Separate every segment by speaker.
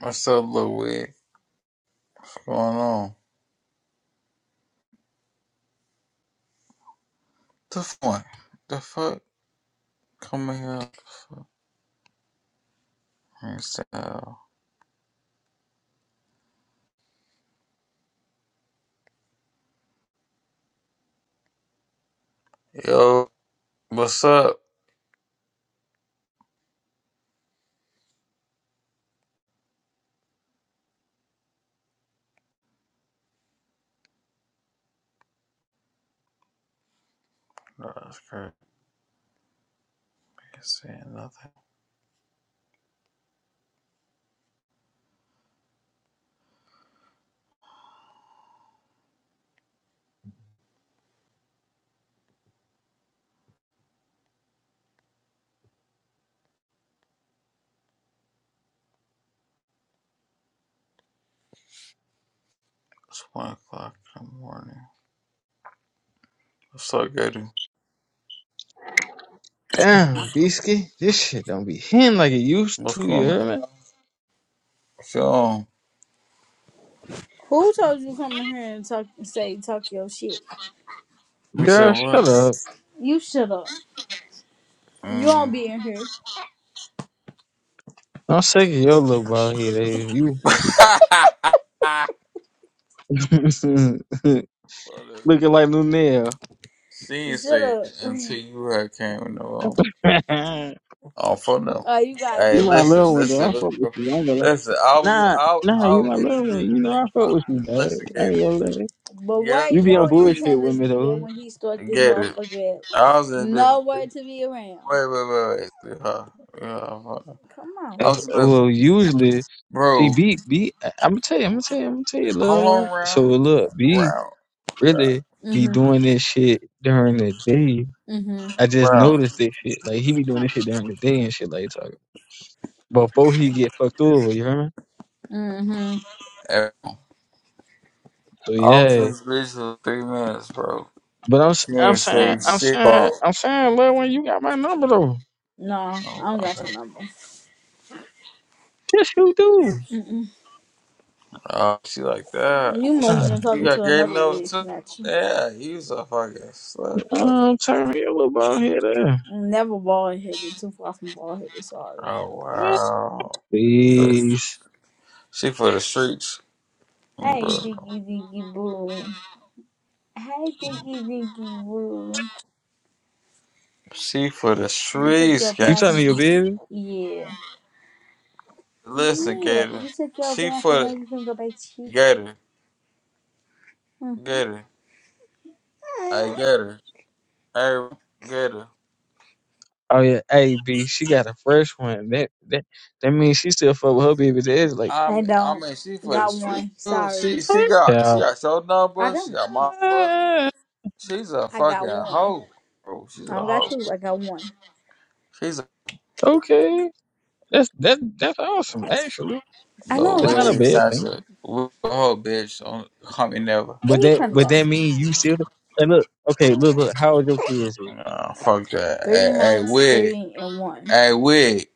Speaker 1: What's up, little wig? What's going on? This one. The fuck? Come here. Yo, what's up? That's crazy. Saying nothing. It's one o'clock in the morning. What's up, Gator?
Speaker 2: Damn, Bisky, this shit don't be hitting like it used
Speaker 1: What's
Speaker 2: to, you
Speaker 1: going on?
Speaker 2: hear me?
Speaker 1: Yo,
Speaker 3: Who told you come in here and talk and say talk your shit?
Speaker 1: we said
Speaker 2: Girl, shut
Speaker 1: what?
Speaker 2: up.
Speaker 3: You shut up. You won't
Speaker 1: Mm.
Speaker 3: be in here.
Speaker 2: I'm sick of your little bald head ass. You
Speaker 1: Well, the
Speaker 2: looking like Lunel.
Speaker 1: scene
Speaker 3: Shut
Speaker 1: say
Speaker 3: up.
Speaker 1: you had came in the room.
Speaker 2: you my
Speaker 1: Oh, for no.
Speaker 3: Oh, you got
Speaker 1: Hey, listen,
Speaker 2: little
Speaker 3: jokes.
Speaker 2: one, though. I fuck
Speaker 1: listen,
Speaker 2: with you. I ain't gonna lie.
Speaker 1: listen. I was,
Speaker 2: Nah,
Speaker 1: I,
Speaker 2: nah,
Speaker 1: I
Speaker 2: you my
Speaker 1: was in this
Speaker 2: little one.
Speaker 1: bitch
Speaker 2: You know I
Speaker 1: like,
Speaker 2: fuck
Speaker 1: I,
Speaker 2: with you, dog.
Speaker 1: listen,
Speaker 2: I ain't
Speaker 1: Gator.
Speaker 2: gonna lie.
Speaker 3: But
Speaker 1: Get
Speaker 3: where
Speaker 1: up.
Speaker 2: You be on
Speaker 3: your
Speaker 2: bullshit with
Speaker 3: antennas
Speaker 2: me,
Speaker 3: be at
Speaker 2: though.
Speaker 3: when he struck this
Speaker 1: Get it.
Speaker 3: motherfucker up?
Speaker 1: I was in bed for
Speaker 3: Nowhere to be around.
Speaker 1: wait, wait, wait, wait. Yeah, yeah, fuck.
Speaker 3: Come on.
Speaker 1: I
Speaker 2: If-
Speaker 1: was in bed
Speaker 2: Well, usually, see,
Speaker 1: bro.
Speaker 2: B, B, I'm gonna tell you, I'm gonna tell you, I'm gonna tell you, little
Speaker 1: Hold
Speaker 2: one.
Speaker 1: on,
Speaker 2: So,
Speaker 1: round,
Speaker 2: look, B
Speaker 1: round, round,
Speaker 2: really be
Speaker 3: Mm-hmm.
Speaker 2: doing this shit during the day
Speaker 3: Mm-hmm.
Speaker 2: I just
Speaker 1: round.
Speaker 2: noticed this shit. Like he be doing this shit during the day and shit like talking before he get fucked over. You hear me?
Speaker 3: Mm-hmm.
Speaker 1: And
Speaker 2: So
Speaker 1: I was in
Speaker 2: yeah.
Speaker 1: this bitch for three minutes, bro.
Speaker 2: But I'm s-
Speaker 1: She
Speaker 2: I'm
Speaker 1: ain't
Speaker 2: saying
Speaker 1: say
Speaker 2: I'm
Speaker 1: shit,
Speaker 2: saying
Speaker 1: bro.
Speaker 2: I'm saying, lil when you got my number though,
Speaker 3: No, I don't got
Speaker 1: Okay.
Speaker 3: your number.
Speaker 2: yes you do.
Speaker 3: Mm-mm.
Speaker 1: Oh, she like that.
Speaker 3: You must have
Speaker 2: Uh,
Speaker 3: been
Speaker 1: You
Speaker 3: talking to
Speaker 1: got great
Speaker 3: another
Speaker 1: enough?
Speaker 3: wig, not you.
Speaker 1: Yeah, you was a fucking slut. bro.
Speaker 2: I'm turning your little ball head up.
Speaker 3: I'm never bald headed, too far from bald headed, sorry.
Speaker 1: Oh wow.
Speaker 2: Please,
Speaker 1: She for the streets, bro.
Speaker 3: Hey, Diggy Diggy Boo. Hi, Dinky Dinky Woo.
Speaker 1: She for the
Speaker 3: You took
Speaker 1: streets,
Speaker 3: your
Speaker 1: gang.
Speaker 2: you
Speaker 3: bath.
Speaker 2: talking to your baby?
Speaker 3: Yeah.
Speaker 1: Listen,
Speaker 3: Yeah.
Speaker 1: Gator.
Speaker 3: You took your
Speaker 1: She
Speaker 3: bath and
Speaker 1: for
Speaker 3: now
Speaker 1: the
Speaker 3: you can go back to sleep.
Speaker 1: Gator.
Speaker 3: hmm
Speaker 1: Get it. I get it. I get it.
Speaker 2: Oh yeah, hey B, she got a fresh one. That that that means she still fuck with her baby. That's like,
Speaker 3: I
Speaker 1: I'm, i
Speaker 3: don't.
Speaker 1: she for the
Speaker 3: Got
Speaker 1: street.
Speaker 3: one. Sorry.
Speaker 1: She she got she
Speaker 2: yeah,
Speaker 1: got your
Speaker 3: I
Speaker 1: number. She
Speaker 3: don't.
Speaker 1: got my number. She's a
Speaker 3: I
Speaker 1: fucking
Speaker 3: got one.
Speaker 1: hoe, bro. She's
Speaker 3: I
Speaker 1: a
Speaker 3: don't got
Speaker 1: hoe.
Speaker 3: two. I got one.
Speaker 1: She's a
Speaker 2: okay, that's that that's awesome actually.
Speaker 3: I
Speaker 1: little
Speaker 3: know,
Speaker 2: It's not a
Speaker 3: right?
Speaker 1: weird
Speaker 2: bad thing.
Speaker 1: snatcher. Weird hoe bitch. Don't call me never.
Speaker 3: Where
Speaker 2: Would
Speaker 3: you
Speaker 2: that
Speaker 3: trying to
Speaker 2: would
Speaker 3: go?
Speaker 2: that mean you still? And look, okay, look, look. How old your kids? is?
Speaker 1: Nah, fuck that.
Speaker 3: Three
Speaker 1: Hey, hey
Speaker 3: months,
Speaker 1: wig.
Speaker 3: three, and one.
Speaker 1: Hey wig.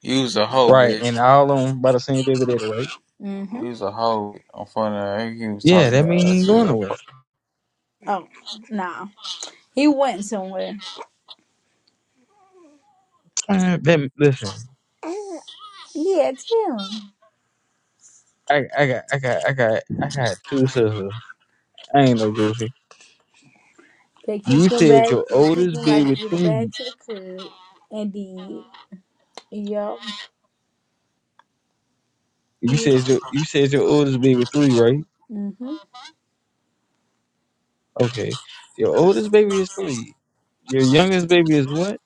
Speaker 1: Use a hoe,
Speaker 2: Right,
Speaker 1: bitch.
Speaker 2: and all on by the same baby daddy, right?
Speaker 3: Mm-hmm.
Speaker 1: A hoe. I'm funny. He was
Speaker 2: Yeah,
Speaker 1: talking
Speaker 2: that mean
Speaker 1: about
Speaker 2: he
Speaker 1: us.
Speaker 2: ain't
Speaker 1: She's
Speaker 2: going
Speaker 1: a-
Speaker 2: nowhere.
Speaker 3: Oh, nah. He went somewhere.
Speaker 2: Man, that, listen,
Speaker 3: Yeah, it's him.
Speaker 2: I, I got, I got, I got, I got two sisters. I ain't no goofy.
Speaker 3: They
Speaker 2: You
Speaker 3: kicked him
Speaker 2: said
Speaker 3: back.
Speaker 2: your
Speaker 3: They kicked
Speaker 2: oldest
Speaker 3: him like
Speaker 2: baby
Speaker 3: to the back
Speaker 2: three.
Speaker 3: to the curb. And did. Yup.
Speaker 2: You
Speaker 3: Yeah.
Speaker 2: said your, you said your oldest baby three, right?
Speaker 3: hmm
Speaker 2: Okay, your oldest baby is three. Your youngest baby is what?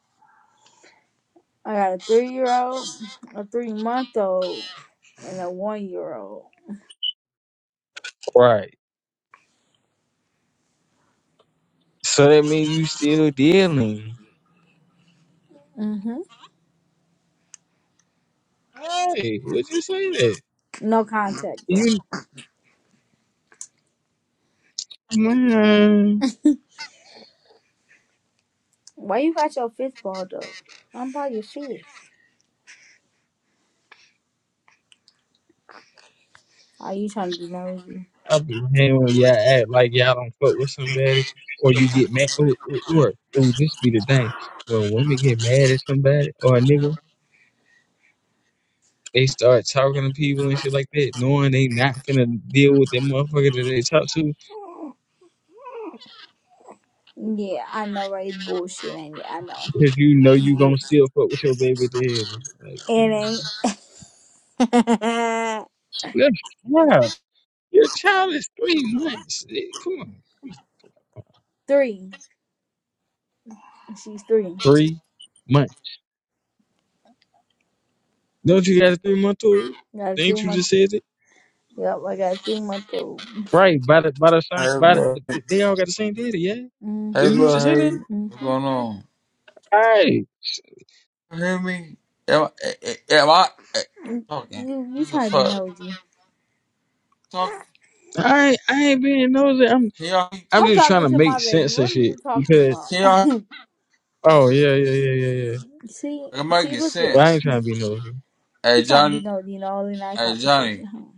Speaker 3: I got a three year old, a three month old, and a one year old.
Speaker 2: Right. So that mean you still dealing.
Speaker 3: hmm
Speaker 2: Right. Would you say that?
Speaker 3: No contact
Speaker 2: You.
Speaker 3: though.
Speaker 2: Man,
Speaker 3: Why you got your fifth ball though? I'm about your fifth. Are you trying to be nosy?
Speaker 2: I be hanging when y'all act like y'all don't fuck with somebody, or you get mad, or or, or, or this be the thing when women get mad at somebody or a nigga, they start talking to people and shit like that, knowing they not gonna deal with that motherfucker that they talk to,
Speaker 3: Yeah, I know, right? It's bullshit, ain't it? I know.
Speaker 2: because you know you gonna still fuck with your baby daddy. Like, come on,
Speaker 3: It
Speaker 2: man.
Speaker 3: ain't.
Speaker 2: Look, child, your child is three months. Eh, Come on, come on.
Speaker 3: three. She's three.
Speaker 2: three months. Don't you got a three month old?
Speaker 3: Got a three
Speaker 2: Ain't you
Speaker 3: month.
Speaker 2: just said it?
Speaker 3: Yep, I got a three month old.
Speaker 2: Right, by the by the same
Speaker 1: Hey
Speaker 2: by the,
Speaker 1: look.
Speaker 2: but th- they all got the same daddy, yeah. Did
Speaker 3: hmm
Speaker 1: Hey
Speaker 2: you
Speaker 1: look.
Speaker 2: just said that?
Speaker 1: Hey.
Speaker 3: hmm
Speaker 1: What's going on?
Speaker 2: Alright.
Speaker 1: you hear me? Am, am I
Speaker 3: You you trying to be
Speaker 1: fuck
Speaker 3: nosy?
Speaker 1: talk?
Speaker 2: I ain't- I ain't being nosy. I'm
Speaker 1: Can y'all, can
Speaker 2: I'm
Speaker 3: I'm
Speaker 2: just trying
Speaker 3: talking
Speaker 2: to
Speaker 3: to my
Speaker 2: make
Speaker 3: baby.
Speaker 2: sense of
Speaker 3: What are you
Speaker 2: shit
Speaker 3: talking
Speaker 2: because
Speaker 3: about?
Speaker 1: y'all
Speaker 2: oh yeah, yeah, yeah, yeah, yeah.
Speaker 3: See,
Speaker 1: it might
Speaker 3: see,
Speaker 1: get
Speaker 3: look at
Speaker 2: But
Speaker 1: sent.
Speaker 2: I ain't trying to be nosy.
Speaker 3: he
Speaker 1: Hey
Speaker 3: trying to be
Speaker 1: Johnny,
Speaker 3: nosy in all in that
Speaker 1: hey
Speaker 3: conversation,
Speaker 1: Johnny,
Speaker 3: huh?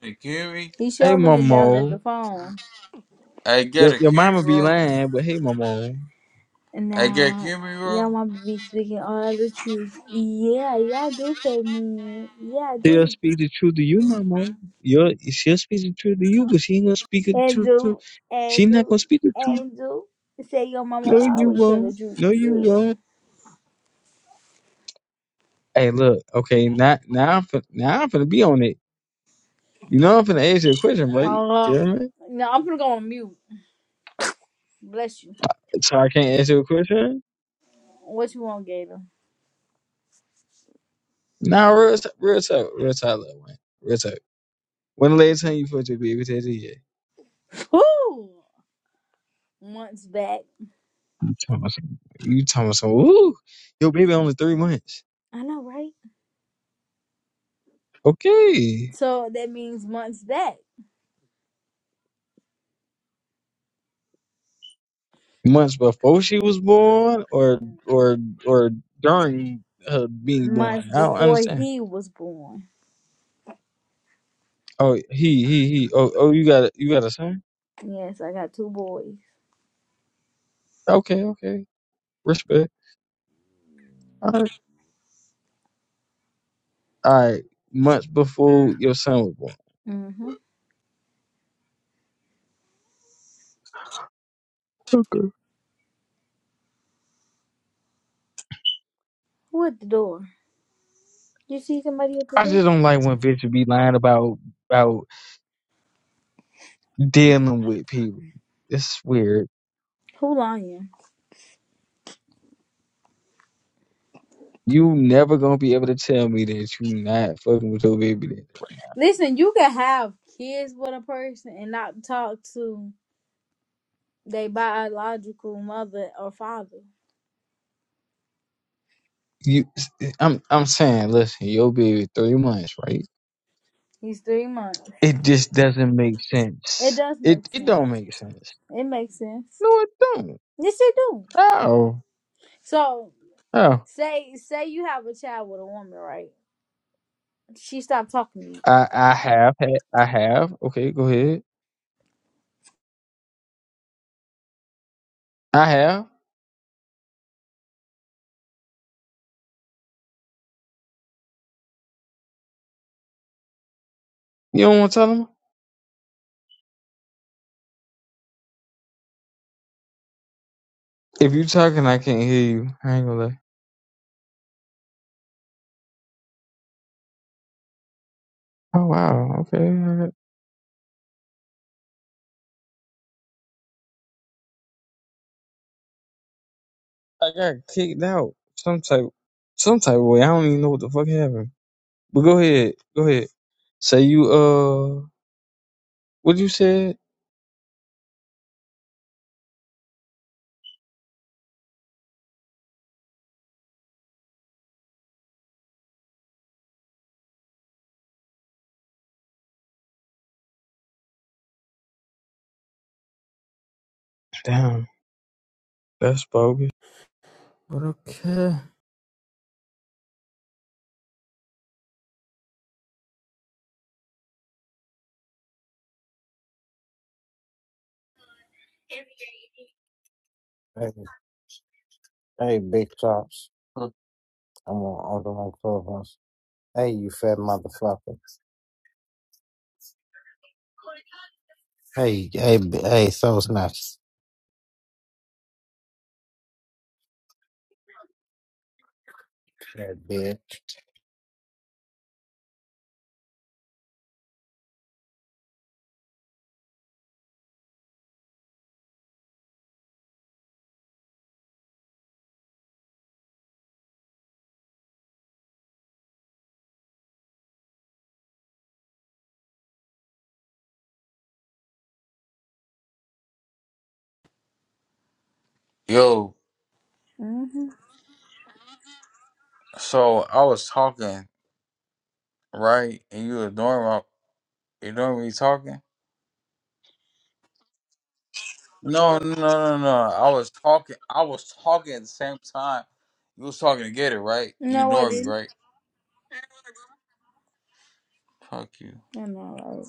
Speaker 1: hey, can you hear me?
Speaker 3: He
Speaker 2: Hey
Speaker 3: sure looking down at the
Speaker 2: Momo.
Speaker 3: phone.
Speaker 1: Hey, get
Speaker 2: Your
Speaker 1: a
Speaker 2: your
Speaker 1: can you hear me,
Speaker 2: mama be
Speaker 1: bro?
Speaker 2: lying, but hey Momo.
Speaker 3: And
Speaker 1: Hey, get can you
Speaker 3: now,
Speaker 1: hear me, bro?
Speaker 3: y'all want to be speaking all the truth. Yeah, y'all do for me. Yeah, I
Speaker 2: She'll
Speaker 3: do.
Speaker 2: speak the truth to you, Momo. You're, she'll speak the truth to you, but she ain't gonna speak the
Speaker 3: And
Speaker 2: truth to
Speaker 3: do,
Speaker 2: she
Speaker 3: and
Speaker 2: not
Speaker 3: do,
Speaker 2: gonna speak the truth.
Speaker 3: and do. Say your mama
Speaker 2: No, you
Speaker 3: always tell the
Speaker 2: won't.
Speaker 3: truth.
Speaker 2: No, you won't.
Speaker 3: Yeah.
Speaker 2: Hey, look. Okay, now now I'm fin- now I'm finna be on it. You know I'm finna ask you a question, right? You
Speaker 3: Uh,
Speaker 2: hear me?
Speaker 3: now I'm gonna go on mute. Bless you.
Speaker 2: So I can't ask you a question?
Speaker 3: What you want, Gator?
Speaker 2: Nah, real t- real talk, real talk, little man. Real talk. When the last time you fucked your baby daddy? Yeah.
Speaker 3: Woo! Months back.
Speaker 2: You talking about some, you talking about some, ooh, your baby only three months.
Speaker 3: I know, right?
Speaker 2: Okay.
Speaker 3: So that means months back.
Speaker 2: Months before she was born or or or during her being born.
Speaker 3: months
Speaker 2: I don't
Speaker 3: before
Speaker 2: understand.
Speaker 3: he was born.
Speaker 2: Oh, he, he, he. Oh, oh, you got a, you got a son?
Speaker 3: Yes, I got two boys.
Speaker 2: Okay, okay. Respect. All right. All right. Months before your son was
Speaker 3: hmm
Speaker 2: born.
Speaker 3: Who at the door? You see somebody at the
Speaker 2: I
Speaker 3: door?
Speaker 2: just don't like when bitches be lying about about dealing with people. It's weird.
Speaker 3: Who lying?
Speaker 2: You never gonna be able to tell me that you not fucking with your baby daddy. Right?
Speaker 3: Listen, you can have kids with a person and not talk to their biological mother or father.
Speaker 2: You, I'm I'm saying, listen, your baby three months, right?
Speaker 3: He's three months.
Speaker 2: It just doesn't make
Speaker 3: It
Speaker 2: sense.
Speaker 3: does make
Speaker 2: It it
Speaker 3: sense.
Speaker 2: don't make sense.
Speaker 3: It makes sense.
Speaker 2: No, it don't.
Speaker 3: Yes, it do.
Speaker 2: No,
Speaker 3: So
Speaker 2: no.
Speaker 3: say say you have a child with a woman, right? She stopped talking to you.
Speaker 2: I I have had I have. Okay, go ahead. I have. You don't want to tell them? If you talking, I can't hear you. I ain't gonna lie. Oh wow. Okay. okay. I got kicked out some type some type of way. I don't even know what the fuck happened. But go ahead. Go ahead. Say you uh what you said? Damn, that's bogus. But okay.
Speaker 4: Hey, hey, big chops. I'm on I'm on Clubhouse. Hey, you fat motherfucker. Hey, hey, b- hey, soul snatch.
Speaker 1: Yo,
Speaker 3: hmm
Speaker 1: so I was talking right, and you ignoring my ignoring me talking. No, no, no, no. no. I was talking. I was talking at the same time. You was talking to get it right. You
Speaker 3: No, I
Speaker 1: ignored me.
Speaker 3: didn't.
Speaker 1: Fuck you.
Speaker 3: I know, right?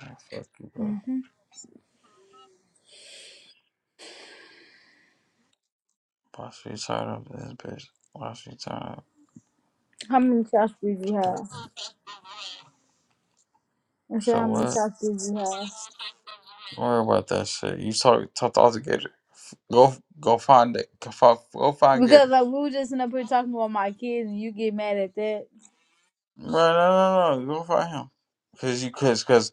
Speaker 1: Man, fuck you, bro.
Speaker 3: Mm-hmm.
Speaker 1: Why should you tied up this bitch? Why should tied
Speaker 3: How many shots did you have?
Speaker 1: up?
Speaker 3: I said, how
Speaker 1: So what?
Speaker 3: many shots did you have?
Speaker 1: Don't worry about that shit. You talk talk talk to all Gator. F- Go go find it. Go find, go find
Speaker 3: Because
Speaker 1: Gator.
Speaker 3: like we were just in up here talking about my kids, and you get mad at that.
Speaker 1: No no no no. Go find him. Cause you cause cause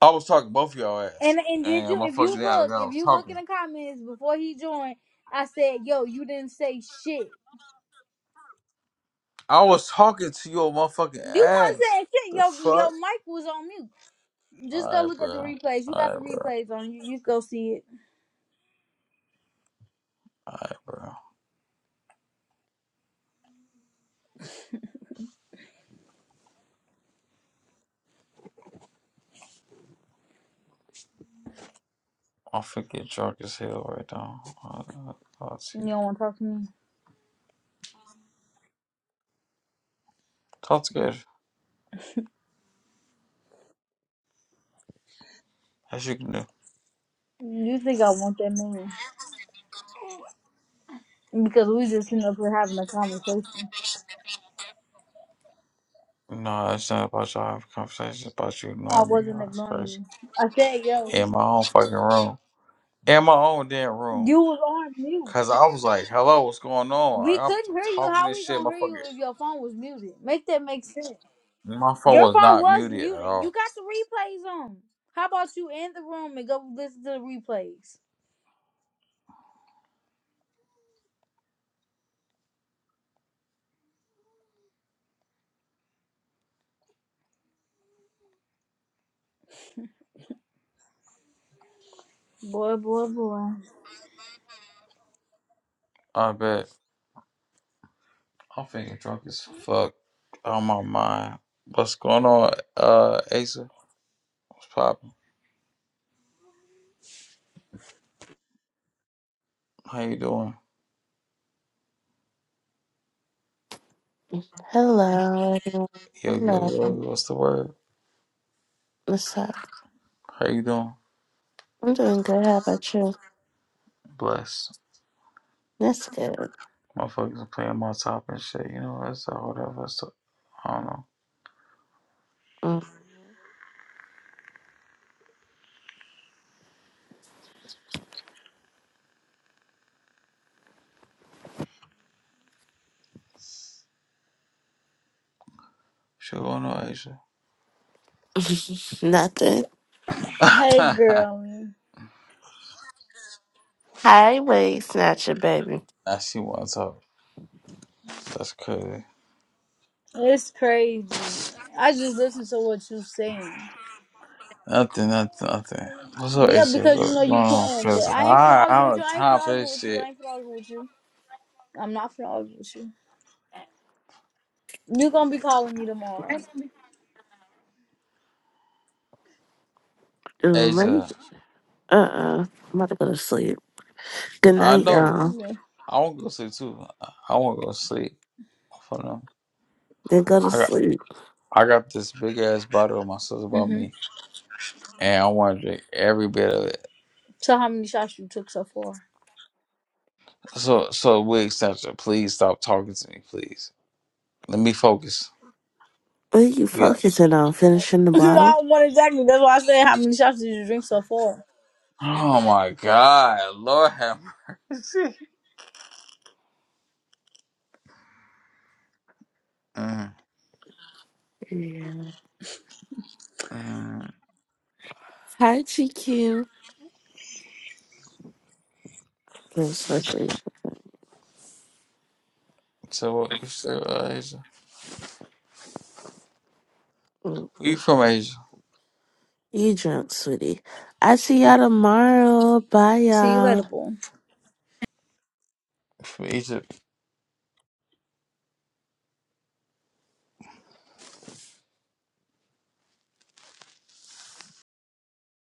Speaker 1: I was talking to both of y'all ass.
Speaker 3: And and did you? If you
Speaker 1: Fuck Yeah, like
Speaker 3: look,
Speaker 1: I
Speaker 3: if
Speaker 1: was
Speaker 3: you look
Speaker 1: talking.
Speaker 3: in the comments before he joined, I said, "Yo, you didn't say shit.
Speaker 1: I was talking to your motherfucking
Speaker 3: You weren't
Speaker 1: ass.
Speaker 3: saying shit. Yo, your
Speaker 1: Fuck.
Speaker 3: mic was on mute. Just go
Speaker 1: Alright,
Speaker 3: look at the replays. You got the
Speaker 1: alright,
Speaker 3: replays on you. You go see it.
Speaker 1: alright, bro. I'm freaking drunk as hell right now. Uh, uh, Talk to
Speaker 3: You
Speaker 1: you.
Speaker 3: don't want to talk to me.
Speaker 1: Talk to Gator. As you can do.
Speaker 3: You think I want that man? Because we just sitting up here having a conversation.
Speaker 1: No, it's not about y'all having conversations. It's about you
Speaker 3: I
Speaker 1: ignoring me.
Speaker 3: wasn't
Speaker 1: It's
Speaker 3: ignoring
Speaker 1: crazy.
Speaker 3: you. I said, "Yo."
Speaker 1: In my own fucking room. In my own damn room.
Speaker 3: You was on mute.
Speaker 1: Cause I was like, hello, what's going on? Like,
Speaker 3: We
Speaker 1: I'm,
Speaker 3: couldn't
Speaker 1: I'm
Speaker 3: hear you.
Speaker 1: talking.
Speaker 3: How we gonna hear you if your phone was muted? Make that make sense.
Speaker 1: My phone
Speaker 3: Your
Speaker 1: was
Speaker 3: phone
Speaker 1: not me
Speaker 3: was
Speaker 1: at
Speaker 3: muted. You
Speaker 1: all.
Speaker 3: got the replays on. How about you in the room and go listen to the replays? Boy, boy, boy.
Speaker 1: I bet. I'm feeling drunk as fuck. On my mind. What's going on, uh, Asa? What's poppin'? How you doing?
Speaker 5: Hello, everyone.
Speaker 1: Yo, yo, yo,
Speaker 5: Hello.
Speaker 1: yo, what's the word?
Speaker 5: What's up?
Speaker 1: How you doing?
Speaker 5: I'm doing good. How about you?
Speaker 1: Bless.
Speaker 5: That's good.
Speaker 1: Motherfuckers are playing my top and shit. You know, that's all, whatever. That's all, I don't know.
Speaker 5: Mm,
Speaker 1: Shit going on,
Speaker 5: Nothing.
Speaker 1: Asia?
Speaker 3: Hey, girl.
Speaker 5: Highway snatcher, baby.
Speaker 1: Now she wants up. That's crazy.
Speaker 3: It's crazy. I just listen to what you saying.
Speaker 1: Nothing, nothing, nothing. What's up,
Speaker 3: Yeah,
Speaker 1: Asia?
Speaker 3: because you know
Speaker 1: What's
Speaker 3: you
Speaker 1: going on,
Speaker 3: playing, but
Speaker 1: cousin?
Speaker 3: I ain't finna
Speaker 1: I,
Speaker 3: argue
Speaker 1: I'm
Speaker 3: with you.
Speaker 1: on
Speaker 3: I ain't
Speaker 1: top
Speaker 3: finna
Speaker 1: of
Speaker 3: argue
Speaker 1: this
Speaker 3: with you. I
Speaker 1: shit.
Speaker 3: ain't finna argue with you. I'm not finna argue with you. You gonna be calling me tomorrow.
Speaker 5: Um, let me-
Speaker 1: Asia,
Speaker 5: uh-uh. I'm about to go to sleep. Good
Speaker 1: I
Speaker 5: night,
Speaker 1: know.
Speaker 5: y'all.
Speaker 3: Yeah.
Speaker 1: I want to go sleep too. I, I want to go sleep. For them.
Speaker 5: Then go to
Speaker 1: I got,
Speaker 5: sleep.
Speaker 1: I got this big ass bottle of my sister bought
Speaker 3: Mhm.
Speaker 1: me, and I want to drink every bit of it.
Speaker 3: So how many shots you took so far?
Speaker 1: So, so wig extension, please stop talking to me, please. Let me focus.
Speaker 5: What are you
Speaker 1: Yeah.
Speaker 5: focusing on? Finishing the
Speaker 3: no, I
Speaker 5: bottle?
Speaker 3: don't want exactly. That's why I said how many shots did you drink so far?
Speaker 1: Oh my God, Lord have mercy. Mm,
Speaker 5: Yeah.
Speaker 1: mm.
Speaker 5: Hi, GQ. Especially.
Speaker 1: So what you say, Who You
Speaker 5: You
Speaker 1: from Asia?
Speaker 5: drunk, sweetie. I see y'all tomorrow. Bye,
Speaker 3: See you
Speaker 5: y'all.
Speaker 3: later, boy.
Speaker 1: From Egypt?